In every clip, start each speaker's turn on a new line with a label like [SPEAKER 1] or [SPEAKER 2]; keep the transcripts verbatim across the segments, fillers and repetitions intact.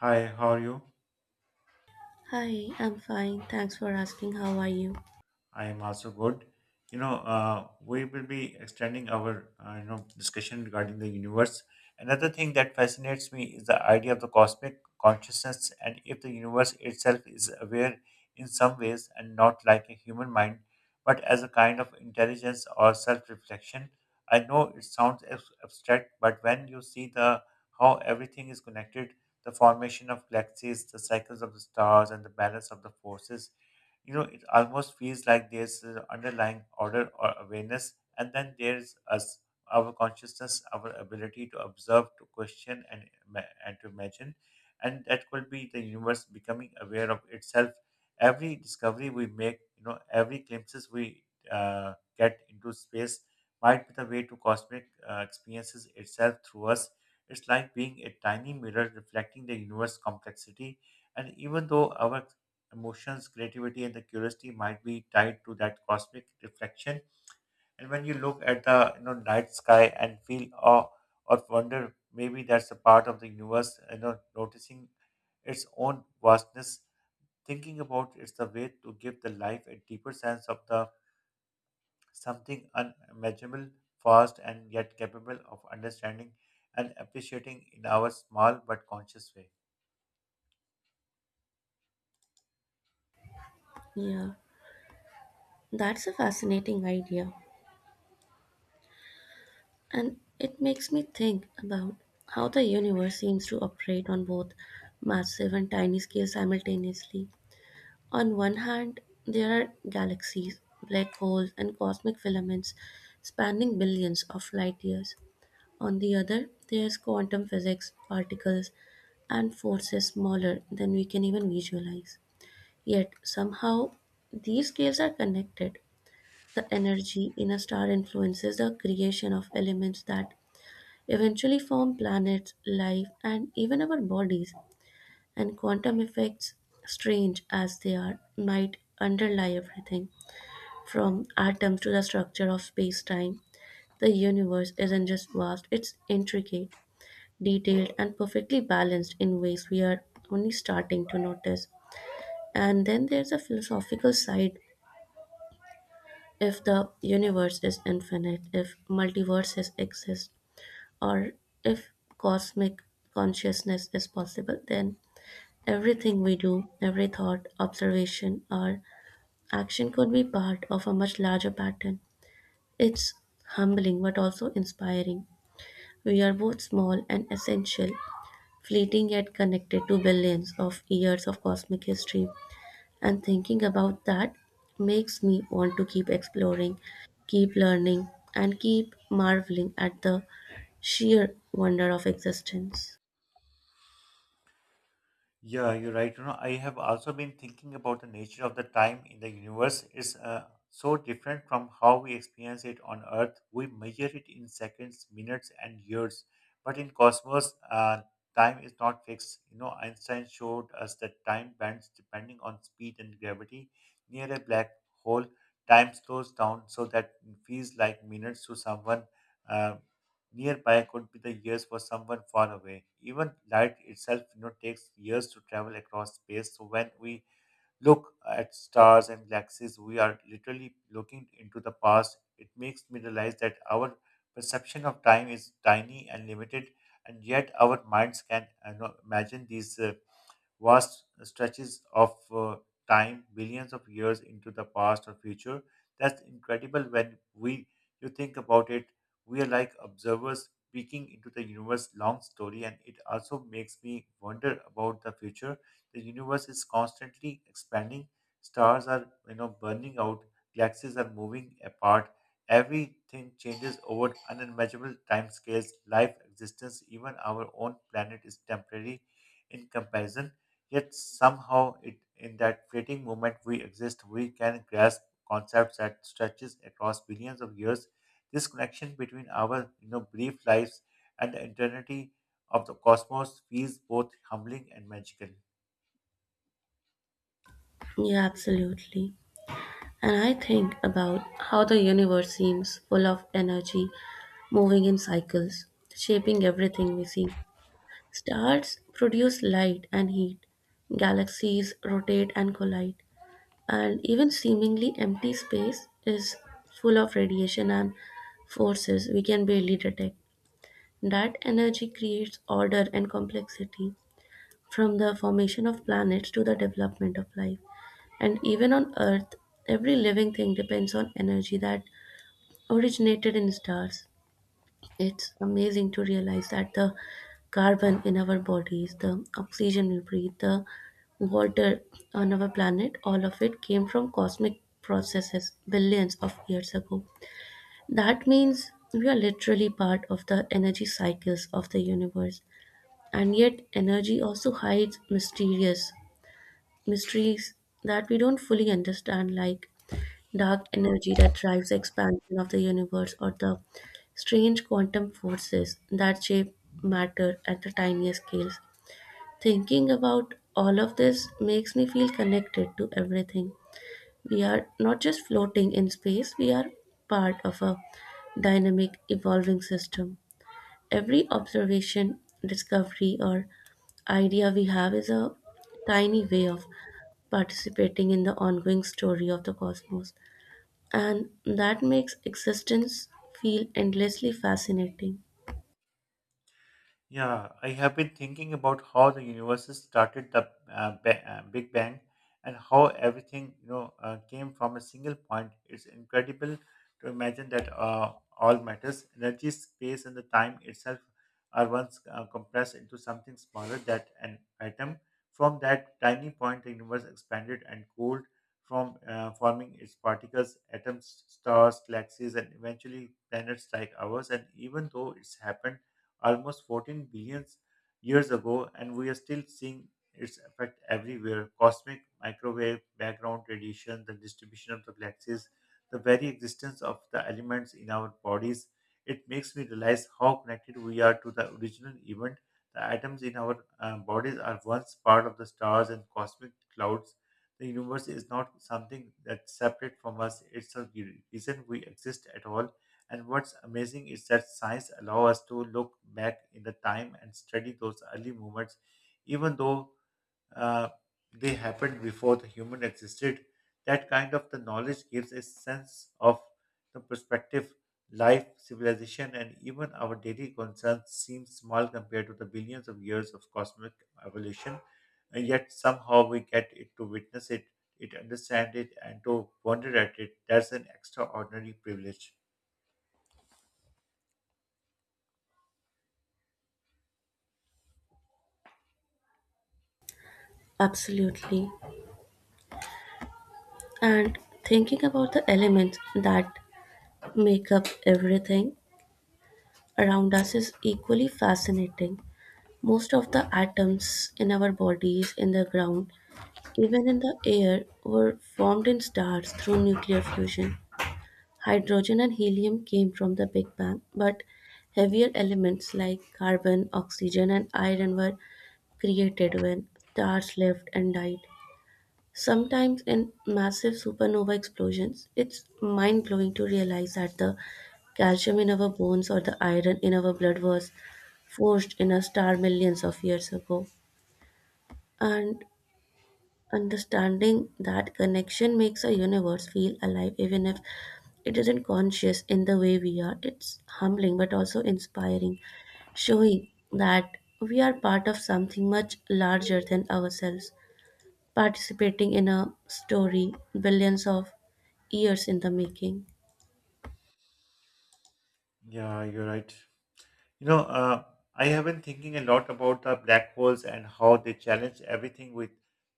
[SPEAKER 1] Hi, how are you?
[SPEAKER 2] Hi, I'm fine. Thanks for asking. How are you?
[SPEAKER 1] I am also good. You know, uh, we will be extending our uh, you know discussion regarding the universe. Another thing that fascinates me is the idea of the cosmic consciousness and if the universe itself is aware in some ways and not like a human mind, but as a kind of intelligence or self-reflection. I know it sounds abs- abstract, but when you see the how everything is connected, the formation of galaxies, the cycles of the stars, and the balance of the forces, you know it almost feels like there's an underlying order or awareness. And then there's us, our consciousness, our ability to observe, to question, and ima- and to imagine, and that could be the universe becoming aware of itself. Every discovery we make, you know every glimpses we uh, get into space, might be the way to cosmic uh, experiences itself through us. It's like being a tiny mirror reflecting the universe complexity, and even though our emotions, creativity, and the curiosity might be tied to that cosmic reflection. And when you look at the you know night sky and feel awe or wonder, maybe that's a part of the universe. You know, noticing its own vastness, thinking about it's the way to give the life a deeper sense of the something unimaginable, vast and yet capable of understanding and appreciating in our small but conscious way.
[SPEAKER 2] Yeah, that's a fascinating idea. And it makes me think about how the universe seems to operate on both massive and tiny scales simultaneously. On one hand, there are galaxies, black holes, and cosmic filaments spanning billions of light years. On the other, there's quantum physics, particles, and forces smaller than we can even visualize. Yet, somehow, these scales are connected. The energy in a star influences the creation of elements that eventually form planets, life, and even our bodies. And quantum effects, strange as they are, might underlie everything from atoms to the structure of space time. The universe isn't just vast, it's intricate, detailed, and perfectly balanced in ways we are only starting to notice. And then there's a philosophical side if the universe is infinite, if multiverses exist, or if cosmic consciousness is possible, then everything we do, every thought, observation, or action could be part of a much larger pattern. It's humbling but also inspiring. We are both small and essential, fleeting yet connected to billions of years of cosmic history. And thinking about that makes me want to keep exploring, keep learning, and keep marveling at the sheer wonder of existence.
[SPEAKER 1] Yeah, you're right. You know, I have also been thinking about the nature of the time in the universe is uh, so different from how we experience it on Earth. We measure it in seconds, minutes, and years, but in cosmos, uh, time is not fixed. You know, Einstein showed us that time bends depending on speed and gravity. Near a black hole, time slows down so that it feels like minutes to someone. Uh, nearby could be the years for someone far away. Even light itself, you know, takes years to travel across space. So when we look at stars and galaxies, we are literally looking into the past. It makes me realize that our perception of time is tiny and limited, and yet our minds can, you know, imagine these uh, vast stretches of uh, time, billions of years into the past or future. That's incredible when we you think about it. We are like observers peeking into the universe long story, and it also makes me wonder about the future. The universe is constantly expanding. Stars are you know burning out, galaxies are moving apart, everything changes over unimaginable timescales. Life existence, even our own planet, is temporary in comparison. Yet somehow, it, in that fleeting moment we exist, we can grasp concepts that stretches across billions of years. This connection between our, you know, brief lives and the eternity of the cosmos feels both humbling and magical.
[SPEAKER 2] Yeah, absolutely. And I think about how the universe seems full of energy, moving in cycles, shaping everything we see. Stars produce light and heat, galaxies rotate and collide, and even seemingly empty space is full of radiation and forces we can barely detect. That energy creates order and complexity from the formation of planets to the development of life. And even on Earth, every living thing depends on energy that originated in stars. It's amazing to realize that the carbon in our bodies, the oxygen we breathe, the water on our planet, all of it came from cosmic processes billions of years ago. That means we are literally part of the energy cycles of the universe. And yet, energy also hides mysterious mysteries that we don't fully understand, like dark energy that drives the expansion of the universe or the strange quantum forces that shape matter at the tiniest scales. Thinking about all of this makes me feel connected to everything. We are not just floating in space, we are part of a dynamic, evolving system. Every observation, discovery, or idea we have is a tiny way of participating in the ongoing story of the cosmos and that makes existence feel endlessly fascinating.
[SPEAKER 1] Yeah, I have been thinking about how the universe started the uh, ba- uh, Big Bang and how everything, you know uh, came from a single point. It's incredible to imagine that uh, all matters, energy, space, and the time itself are once uh, compressed into something smaller than an atom. From that tiny point, the universe expanded and cooled, from uh, forming its particles, atoms, stars, galaxies, and eventually planets like ours. And even though it's happened almost fourteen billion years ago, and we are still seeing its effect everywhere, cosmic microwave, background radiation, the distribution of the galaxies, the very existence of the elements in our bodies. It makes me realize how connected we are to the original event. The atoms in our uh, bodies are once part of the stars and cosmic clouds. The universe is not something that's separate from us, it's a reason we exist at all. And what's amazing is that science allows us to look back in the time and study those early movements, even though uh, they happened before the human existed. That kind of the knowledge gives a sense of the perspective, life, civilization, and even our daily concerns seem small compared to the billions of years of cosmic evolution. And yet somehow we get it to witness it, it understand it, and to wonder at it. That's an extraordinary privilege.
[SPEAKER 2] Absolutely. And thinking about the elements that make up everything around us is equally fascinating. Most of the atoms in our bodies, in the ground, even in the air, were formed in stars through nuclear fusion. Hydrogen and helium came from the Big Bang, but heavier elements like carbon, oxygen, and iron were created when stars left and died. Sometimes in massive supernova explosions, it's mind blowing to realize that the calcium in our bones or the iron in our blood was forged in a star millions of years ago. And understanding that connection makes a universe feel alive, even if it isn't conscious in the way we are. It's humbling but also inspiring, showing that we are part of something much larger than ourselves participating in a story billions of years in the making.
[SPEAKER 1] Yeah, you're right. You know, uh, I have been thinking a lot about the black holes and how they challenge everything we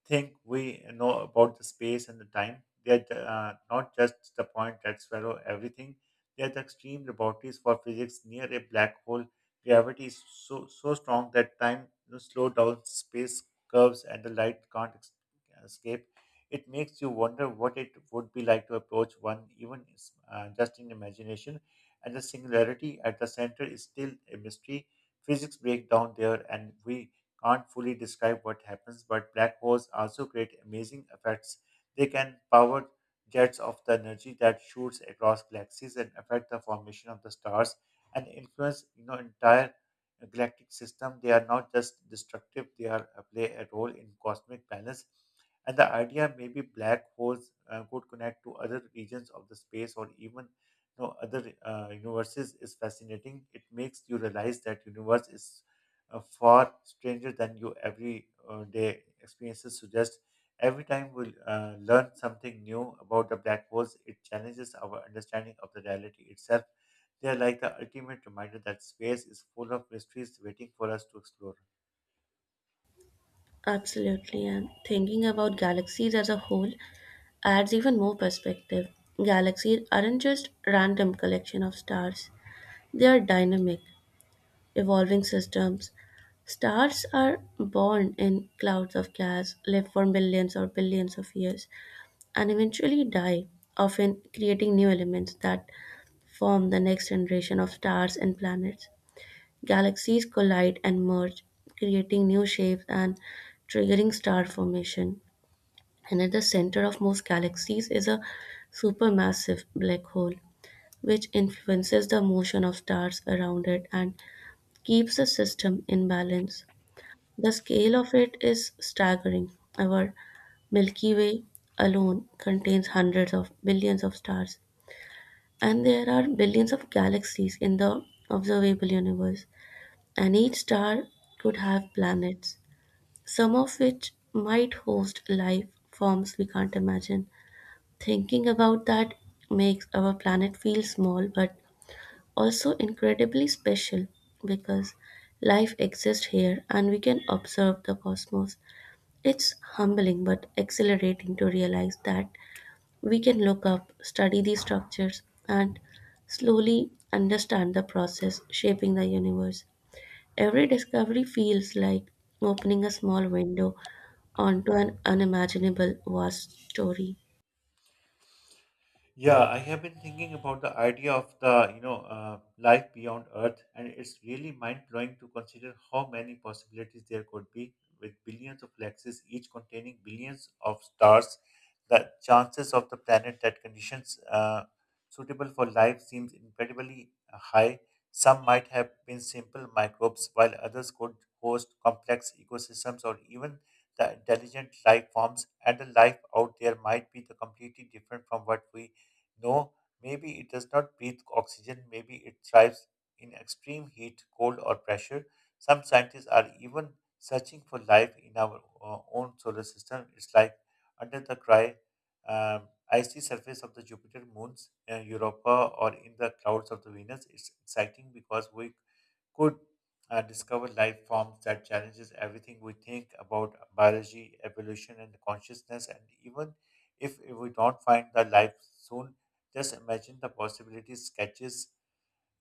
[SPEAKER 1] think we know about the space and the time. They're the- uh, not just the point that swallow everything. They're the extreme laboratories for physics. Near a black hole, gravity is so so strong that time, you know, slow down, space curves, and the light can't ex- escape. It makes you wonder what it would be like to approach one, even uh, just in imagination, and the singularity at the center is still a mystery. Physics break down there, and we can't fully describe what happens, but black holes also create amazing effects. They can power jets of the energy that shoots across galaxies and affect the formation of the stars, and influence you know entire galactic system. They are not just destructive; they are uh, play a role in cosmic balance. And the idea maybe black holes uh, could connect to other regions of the space or even know other uh, universes is fascinating. It makes you realize that universe is uh, far stranger than you every uh, day experiences suggest. Every time we uh, learn something new about the black holes, it challenges our understanding of the reality itself. They are like the ultimate reminder that space is full of mysteries waiting for us to explore.
[SPEAKER 2] Absolutely, and thinking about galaxies as a whole adds even more perspective. Galaxies aren't just random collection of stars. They are dynamic, evolving systems. Stars are born in clouds of gas, live for millions or billions of years, and eventually die, often creating new elements that form the next generation of stars and planets. Galaxies collide and merge, creating new shapes and triggering star formation. And at the center of most galaxies is a supermassive black hole, which influences the motion of stars around it and keeps the system in balance. The scale of it is staggering. Our Milky Way alone contains hundreds of billions of stars, and there are billions of galaxies in the observable universe and each star could have planets, some of which might host life forms we can't imagine. Thinking about that makes our planet feel small but also incredibly special because life exists here and we can observe the cosmos. It's humbling but exhilarating to realize that we can look up, study these structures, and slowly understand the process shaping the universe. Every discovery feels like opening a small window onto an unimaginable vast story.
[SPEAKER 1] Yeah, I have been thinking about the idea of the, you know, uh, life beyond Earth, and it's really mind-blowing to consider how many possibilities there could be, with billions of galaxies, each containing billions of stars. The chances of the planet that conditions uh, suitable for life seems incredibly high. Some might have been simple microbes, while others could host complex ecosystems or even the intelligent life forms, and the life out there might be the completely different from what we no, maybe it does not breathe oxygen, maybe it thrives in extreme heat, cold, or pressure. Some scientists are even searching for life in our uh, own solar system. It's like under the dry, um, icy surface of the Jupiter moons, uh, Europa, or in the clouds of the Venus. It's exciting because we could uh, discover life forms that challenges everything we think about biology, evolution, and consciousness. And even if we don't find the life soon, just imagine the possibilities sketches,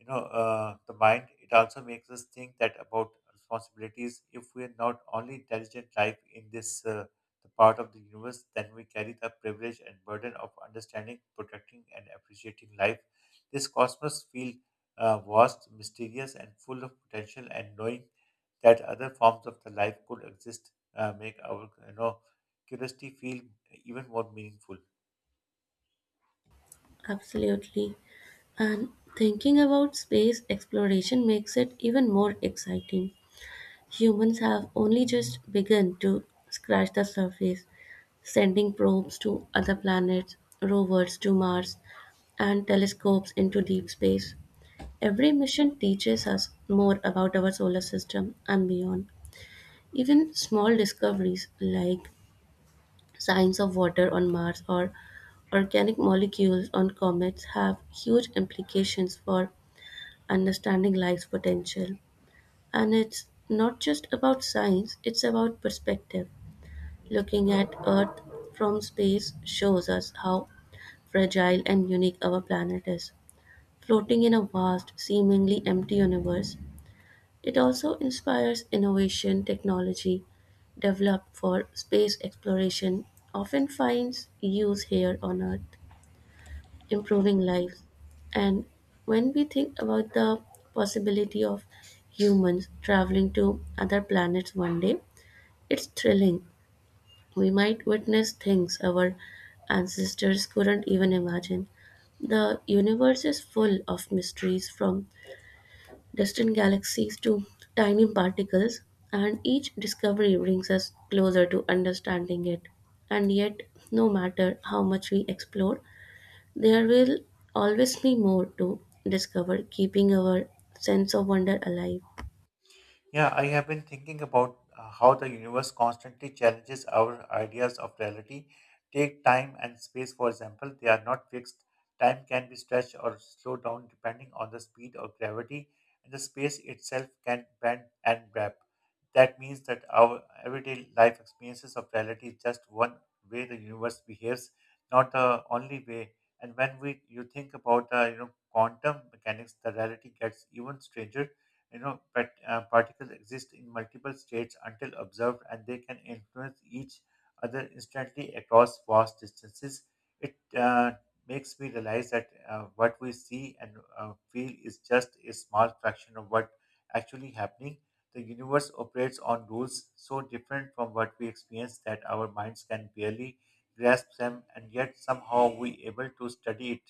[SPEAKER 1] you know uh, the mind. It also makes us think that about responsibilities. If we are not only intelligent life in this, uh, the part of the universe, then we carry the privilege and burden of understanding, protecting, and appreciating life. This cosmos feel uh, vast, mysterious, and full of potential, and knowing that other forms of the life could exist uh, make our, you know curiosity feel even more meaningful.
[SPEAKER 2] Absolutely. And thinking about space exploration makes it even more exciting. Humans have only just begun to scratch the surface, sending probes to other planets, rovers to Mars, and telescopes into deep space. Every mission teaches us more about our solar system and beyond. Even small discoveries like signs of water on Mars or organic molecules on comets have huge implications for understanding life's potential. And it's not just about science, it's about perspective. Looking at Earth from space shows us how fragile and unique our planet is. Floating in a vast, seemingly empty universe, it also inspires innovation technology developed for space exploration often finds use here on Earth, improving lives. And when we think about the possibility of humans traveling to other planets one day, it's thrilling. We might witness things our ancestors couldn't even imagine. The universe is full of mysteries from distant galaxies to tiny particles, and each discovery brings us closer to understanding it. And yet, no matter how much we explore, there will always be more to discover, keeping our sense of wonder alive.
[SPEAKER 1] Yeah, I have been thinking about uh, how the universe constantly challenges our ideas of reality. Take time and space, for example, they are not fixed. Time can be stretched or slowed down depending on the speed or gravity, and the space itself can bend and wrap. That means that our everyday life experiences of reality is just one way the universe behaves, not the only way. And when we you think about the you know quantum mechanics, the reality gets even stranger, you know pat, uh, particles exist in multiple states until observed, and they can influence each other instantly across vast distances. It uh, makes me realize that uh, what we see and uh, feel is just a small fraction of what actually happening. The universe operates on rules so different from what we experience that our minds can barely grasp them, and yet somehow we able to study it,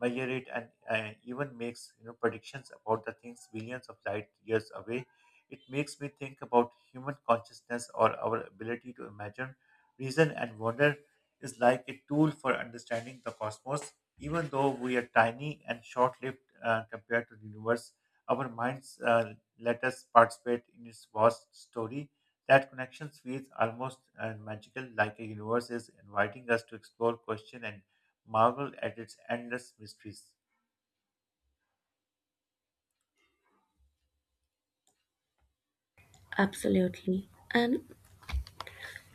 [SPEAKER 1] measure it, and uh, even makes, you know predictions about the things billions of light years away. It makes me think about human consciousness or our ability to imagine, reason, and wonder is like a tool for understanding the cosmos. Even though we are tiny and short-lived uh, compared to the universe, our minds uh, let us participate in its vast story. That connection feels almost uh, magical, like a universe is inviting us to explore, question, and marvel at its endless mysteries.
[SPEAKER 2] Absolutely. And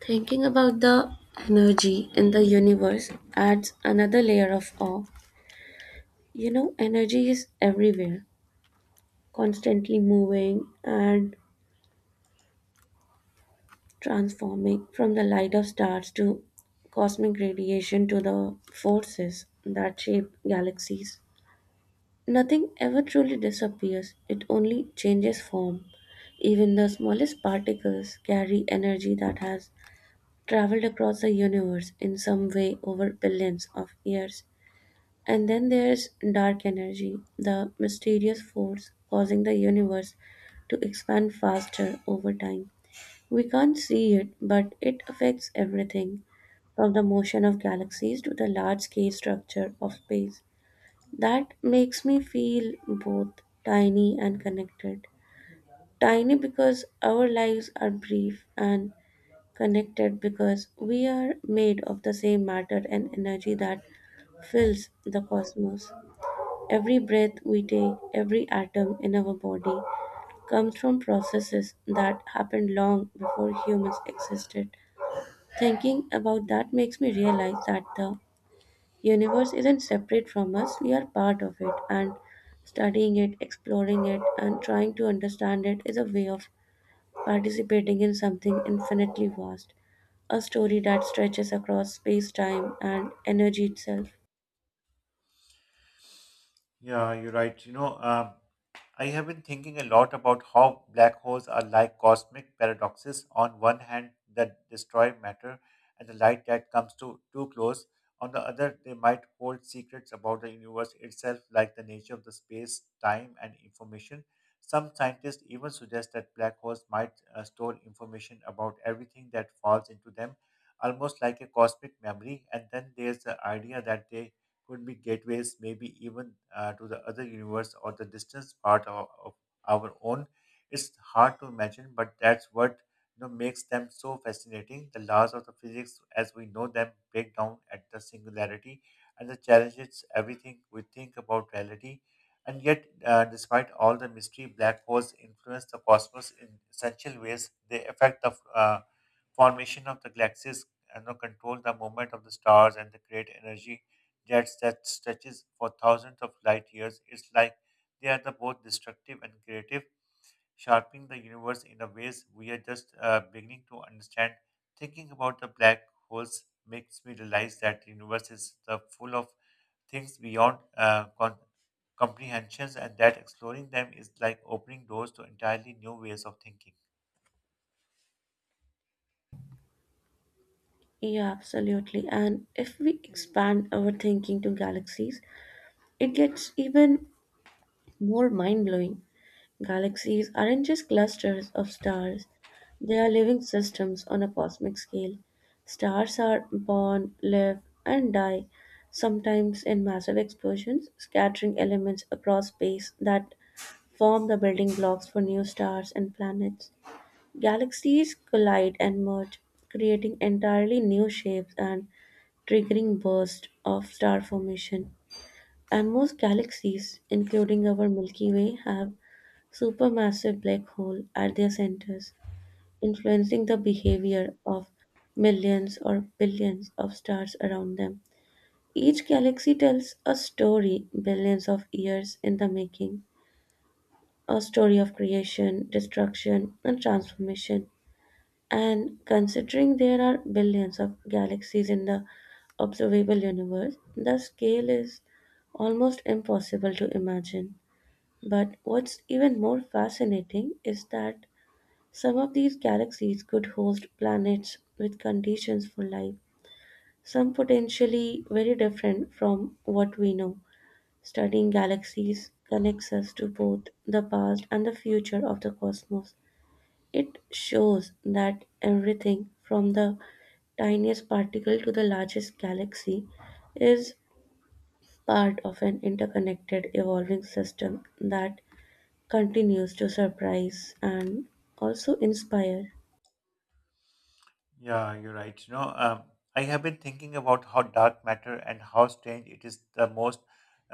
[SPEAKER 2] thinking about the energy in the universe adds another layer of awe. You know, energy is everywhere, constantly moving and transforming from the light of stars to cosmic radiation to the forces that shape galaxies. Nothing ever truly disappears, it only changes form. Even the smallest particles carry energy that has traveled across the universe in some way over billions of years. And then there's dark energy, the mysterious force causing the universe to expand faster over time. We can't see it, but it affects everything, from the motion of galaxies to the large scale structure of space. That makes me feel both tiny and connected. Tiny because our lives are brief, and connected because we are made of the same matter and energy that fills the cosmos. Every breath we take, every atom in our body, comes from processes that happened long before humans existed. Thinking about that makes me realize that the universe isn't separate from us, we are part of it, and studying it, exploring it, and trying to understand it is a way of participating in something infinitely vast, a story that stretches across space, time, and energy itself.
[SPEAKER 1] Yeah, you're right. You know, um, I have been thinking a lot about how black holes are like cosmic paradoxes. On one hand, that destroy matter and the light that comes to too close. On the other, they might hold secrets about the universe itself, like the nature of the space, time, and information. Some scientists even suggest that black holes might uh, store information about everything that falls into them, almost like a cosmic memory. And then there's the idea that they could be gateways, maybe even uh, to the other universe or the distant part of, of our own. It's hard to imagine, but that's what you know makes them so fascinating. The laws of the physics as we know them break down at the singularity, and the challenges everything we think about reality. And yet, uh, despite all the mystery, black holes influence the cosmos in essential ways. They affect the uh, formation of the galaxies and, you know, control the movement of the stars, and they create energy jets that stretches for thousands of light years. It's like they are the both destructive and creative, sharpening the universe in a ways we are just uh, beginning to understand. Thinking about the black holes makes me realize that the universe is the full of things beyond uh, con- comprehensions, and that exploring them is like opening doors to entirely new ways of thinking.
[SPEAKER 2] Yeah, absolutely. And if we expand our thinking to galaxies, it gets even more mind blowing. Galaxies aren't just clusters of stars, they are living systems on a cosmic scale. Stars are born, live, and die, sometimes in massive explosions, scattering elements across space that form the building blocks for new stars and planets. Galaxies collide and merge, creating entirely new shapes and triggering bursts of star formation. And most galaxies, including our Milky Way, have supermassive black hole at their centers, influencing the behavior of millions or billions of stars around them. Each galaxy tells a story billions of years in the making, a story of creation, destruction, and transformation. And considering there are billions of galaxies in the observable universe, the scale is almost impossible to imagine. But what's even more fascinating is that some of these galaxies could host planets with conditions for life, some potentially very different from what we know. Studying galaxies connects us to both the past and the future of the cosmos. It shows that everything from the tiniest particle to the largest galaxy is part of an interconnected evolving system that continues to surprise and also inspire.
[SPEAKER 1] Yeah, you're right. You know, um, I have been thinking about how dark matter and how strange it is. The most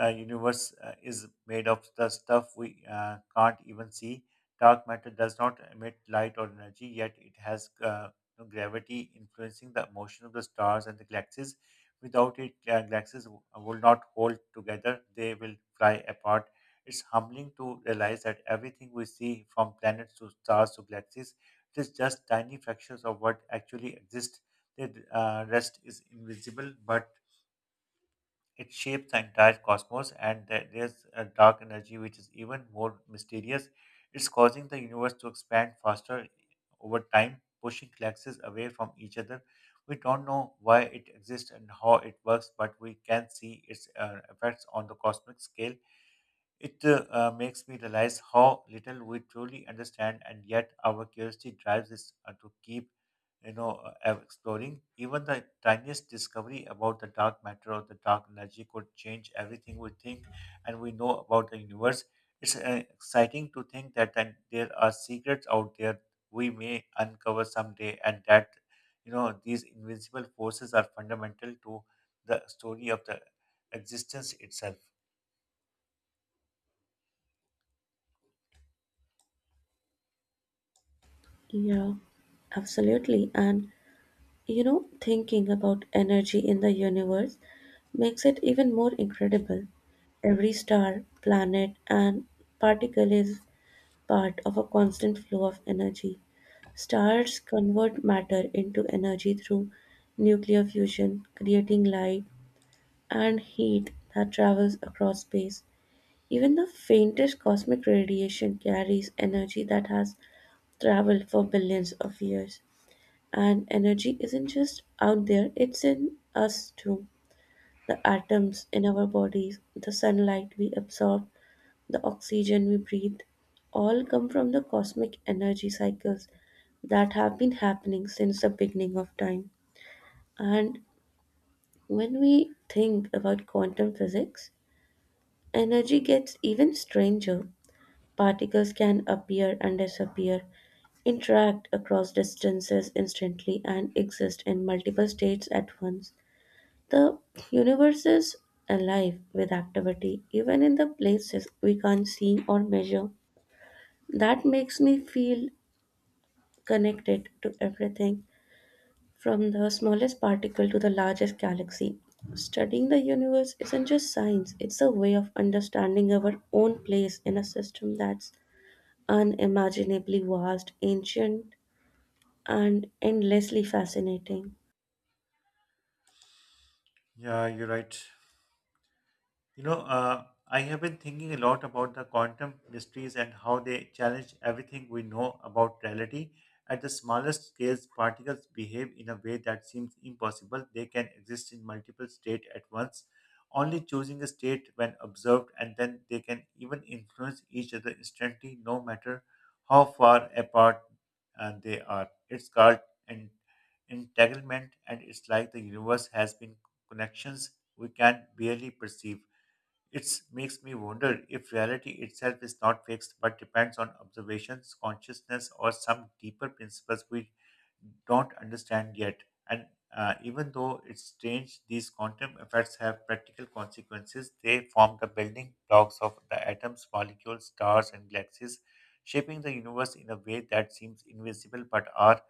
[SPEAKER 1] uh, universe uh, is made of the stuff we uh, can't even see. Dark matter does not emit light or energy, yet it has, uh, you know, gravity influencing the motion of the stars and the galaxies. Without it, uh, galaxies w- uh, will not hold together; they will fly apart. It's humbling to realize that everything we see, from planets to stars to galaxies, it is just tiny fractions of what actually exists. The uh, rest is invisible, but it shapes the entire cosmos, and there- there's a dark energy which is even more mysterious. It's causing the universe to expand faster over time, pushing galaxies away from each other. We don't know why it exists and how it works, but we can see its uh, effects on the cosmic scale. It uh, uh, makes me realize how little we truly understand, and yet our curiosity drives us uh, to keep, you know, uh, ev- exploring. Even the tiniest discovery about the dark matter or the dark energy could change everything we think and we know about the universe. It's uh, exciting to think that then there are secrets out there we may uncover someday, and that, you know, these invisible forces are fundamental to the story of the existence itself.
[SPEAKER 2] Yeah, absolutely. And you know, thinking about energy in the universe makes it even more incredible. Every star, planet, and particle is part of a constant flow of energy. Stars convert matter into energy through nuclear fusion, creating light and heat that travels across space. Even the faintest cosmic radiation carries energy that has traveled for billions of years. And energy isn't just out there, it's in us too. The atoms in our bodies, the sunlight we absorb, the oxygen we breathe, all come from the cosmic energy cycles that have been happening since the beginning of time. And when we think about quantum physics, energy gets even stranger. Particles can appear and disappear, interact across distances instantly, and exist in multiple states at once. The universe is alive with activity, even in the places we can't see or measure. That makes me feel connected to everything, from the smallest particle to the largest galaxy. Studying the universe isn't just science, it's a way of understanding our own place in a system that's unimaginably vast, ancient, and endlessly fascinating.
[SPEAKER 1] Yeah, you're right. You know, uh, I have been thinking a lot about the quantum mysteries and how they challenge everything we know about reality. At the smallest scales, particles behave in a way that seems impossible. They can exist in multiple states at once, only choosing a state when observed, and then they can even influence each other instantly, no matter how far apart uh, they are. It's called en- entanglement, and it's like the universe has been connections we can barely perceive. It makes me wonder if reality itself is not fixed but depends on observations, consciousness, or some deeper principles we don't understand yet. And uh, even though it's strange, these quantum effects have practical consequences. They form the building blocks of the atoms, molecules, stars, and galaxies, shaping the universe in a way that seems invisible but are,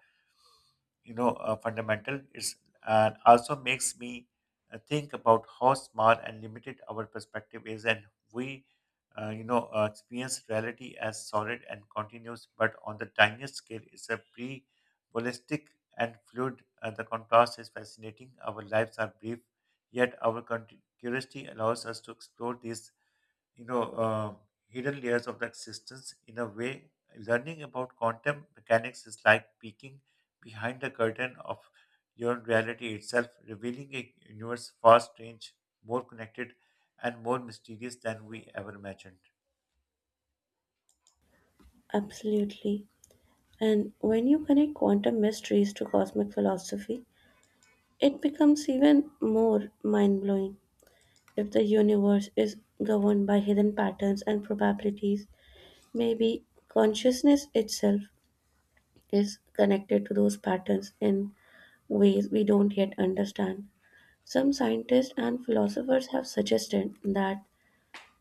[SPEAKER 1] you know uh, fundamental. It's and also makes me uh, think about how small and limited our perspective is, and we, uh, you know uh, experience reality as solid and continuous, but on the tiniest scale it's a pre ballistic and fluid. Uh, the contrast is fascinating. Our lives are brief, yet our con- curiosity allows us to explore these, you know, uh, hidden layers of the existence. In a way, learning about quantum mechanics is like peeking behind the curtain of your reality itself, revealing a universe far strange, more connected, and more mysterious than we ever imagined.
[SPEAKER 2] Absolutely. And when you connect quantum mysteries to cosmic philosophy, it becomes even more mind blowing if the universe is governed by hidden patterns and probabilities. Maybe consciousness itself is connected to those patterns in ways we don't yet understand. Some scientists and philosophers have suggested that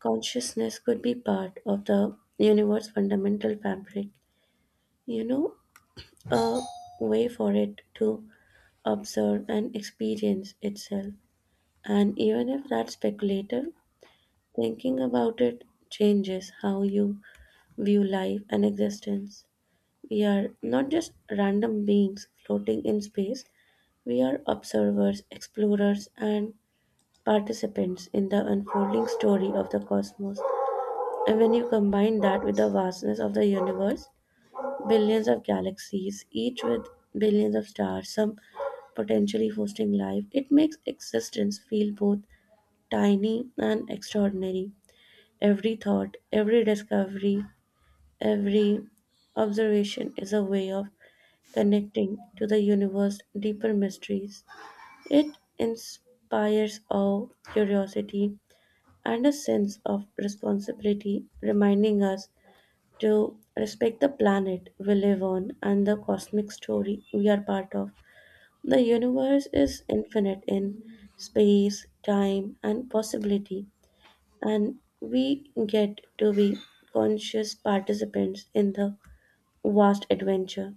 [SPEAKER 2] consciousness could be part of the universe's fundamental fabric. You know, a way for it to observe and experience itself. And even if that's speculative, thinking about it changes how you view life and existence. We are not just random beings floating in space, we are observers, explorers, and participants in the unfolding story of the cosmos. And when you combine that with the vastness of the universe, billions of galaxies, each with billions of stars, some potentially hosting life, it makes existence feel both tiny and extraordinary. Every thought, every discovery, every observation is a way of connecting to the universe's deeper mysteries. It inspires awe, curiosity, and a sense of responsibility, reminding us to respect the planet we live on and the cosmic story we are part of. The universe is infinite in space, time, and possibility, and we get to be conscious participants in the vast adventure.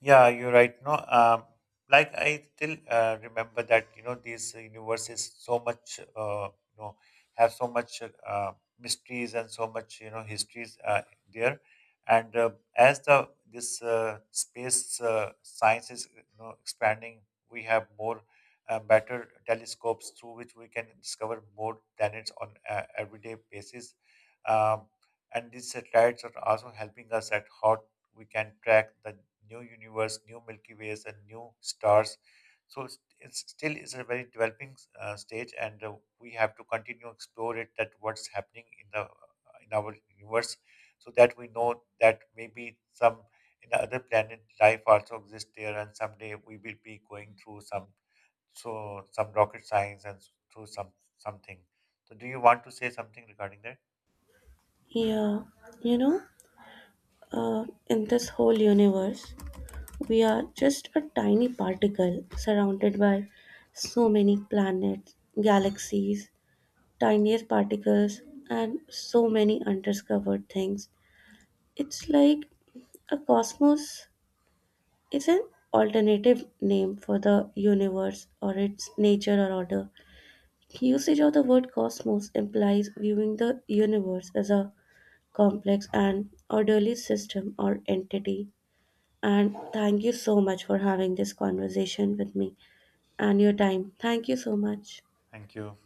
[SPEAKER 1] Yeah, you're right. No, um, like I still uh, remember that, you know these universes so much, uh, you know have so much uh, mysteries and so much, you know, histories, uh, there, and, uh, as the this uh, space uh, science is, you know, expanding, we have more uh, better telescopes through which we can discover more planets on a everyday basis. Um, and these satellites are also helping us at hot we can track the new universe, new Milky Ways, and new stars. So it's, it's still is a very developing uh, stage, and, uh, we have to continue explore it. That what's happening in the uh, in our universe, so that we know that maybe some in other planet life also exists there, and someday we will be going through some so some rocket science and through some something. So do you want to say something regarding that?
[SPEAKER 2] Yeah, you know, uh, in this whole universe, we are just a tiny particle surrounded by so many planets, galaxies, tinier particles, and so many undiscovered things. It's like a cosmos is an alternative name for the universe or its nature or order. Usage of the word cosmos implies viewing the universe as a complex and orderly system or entity. And thank you so much for having this conversation with me and your time. Thank you so much.
[SPEAKER 1] Thank you.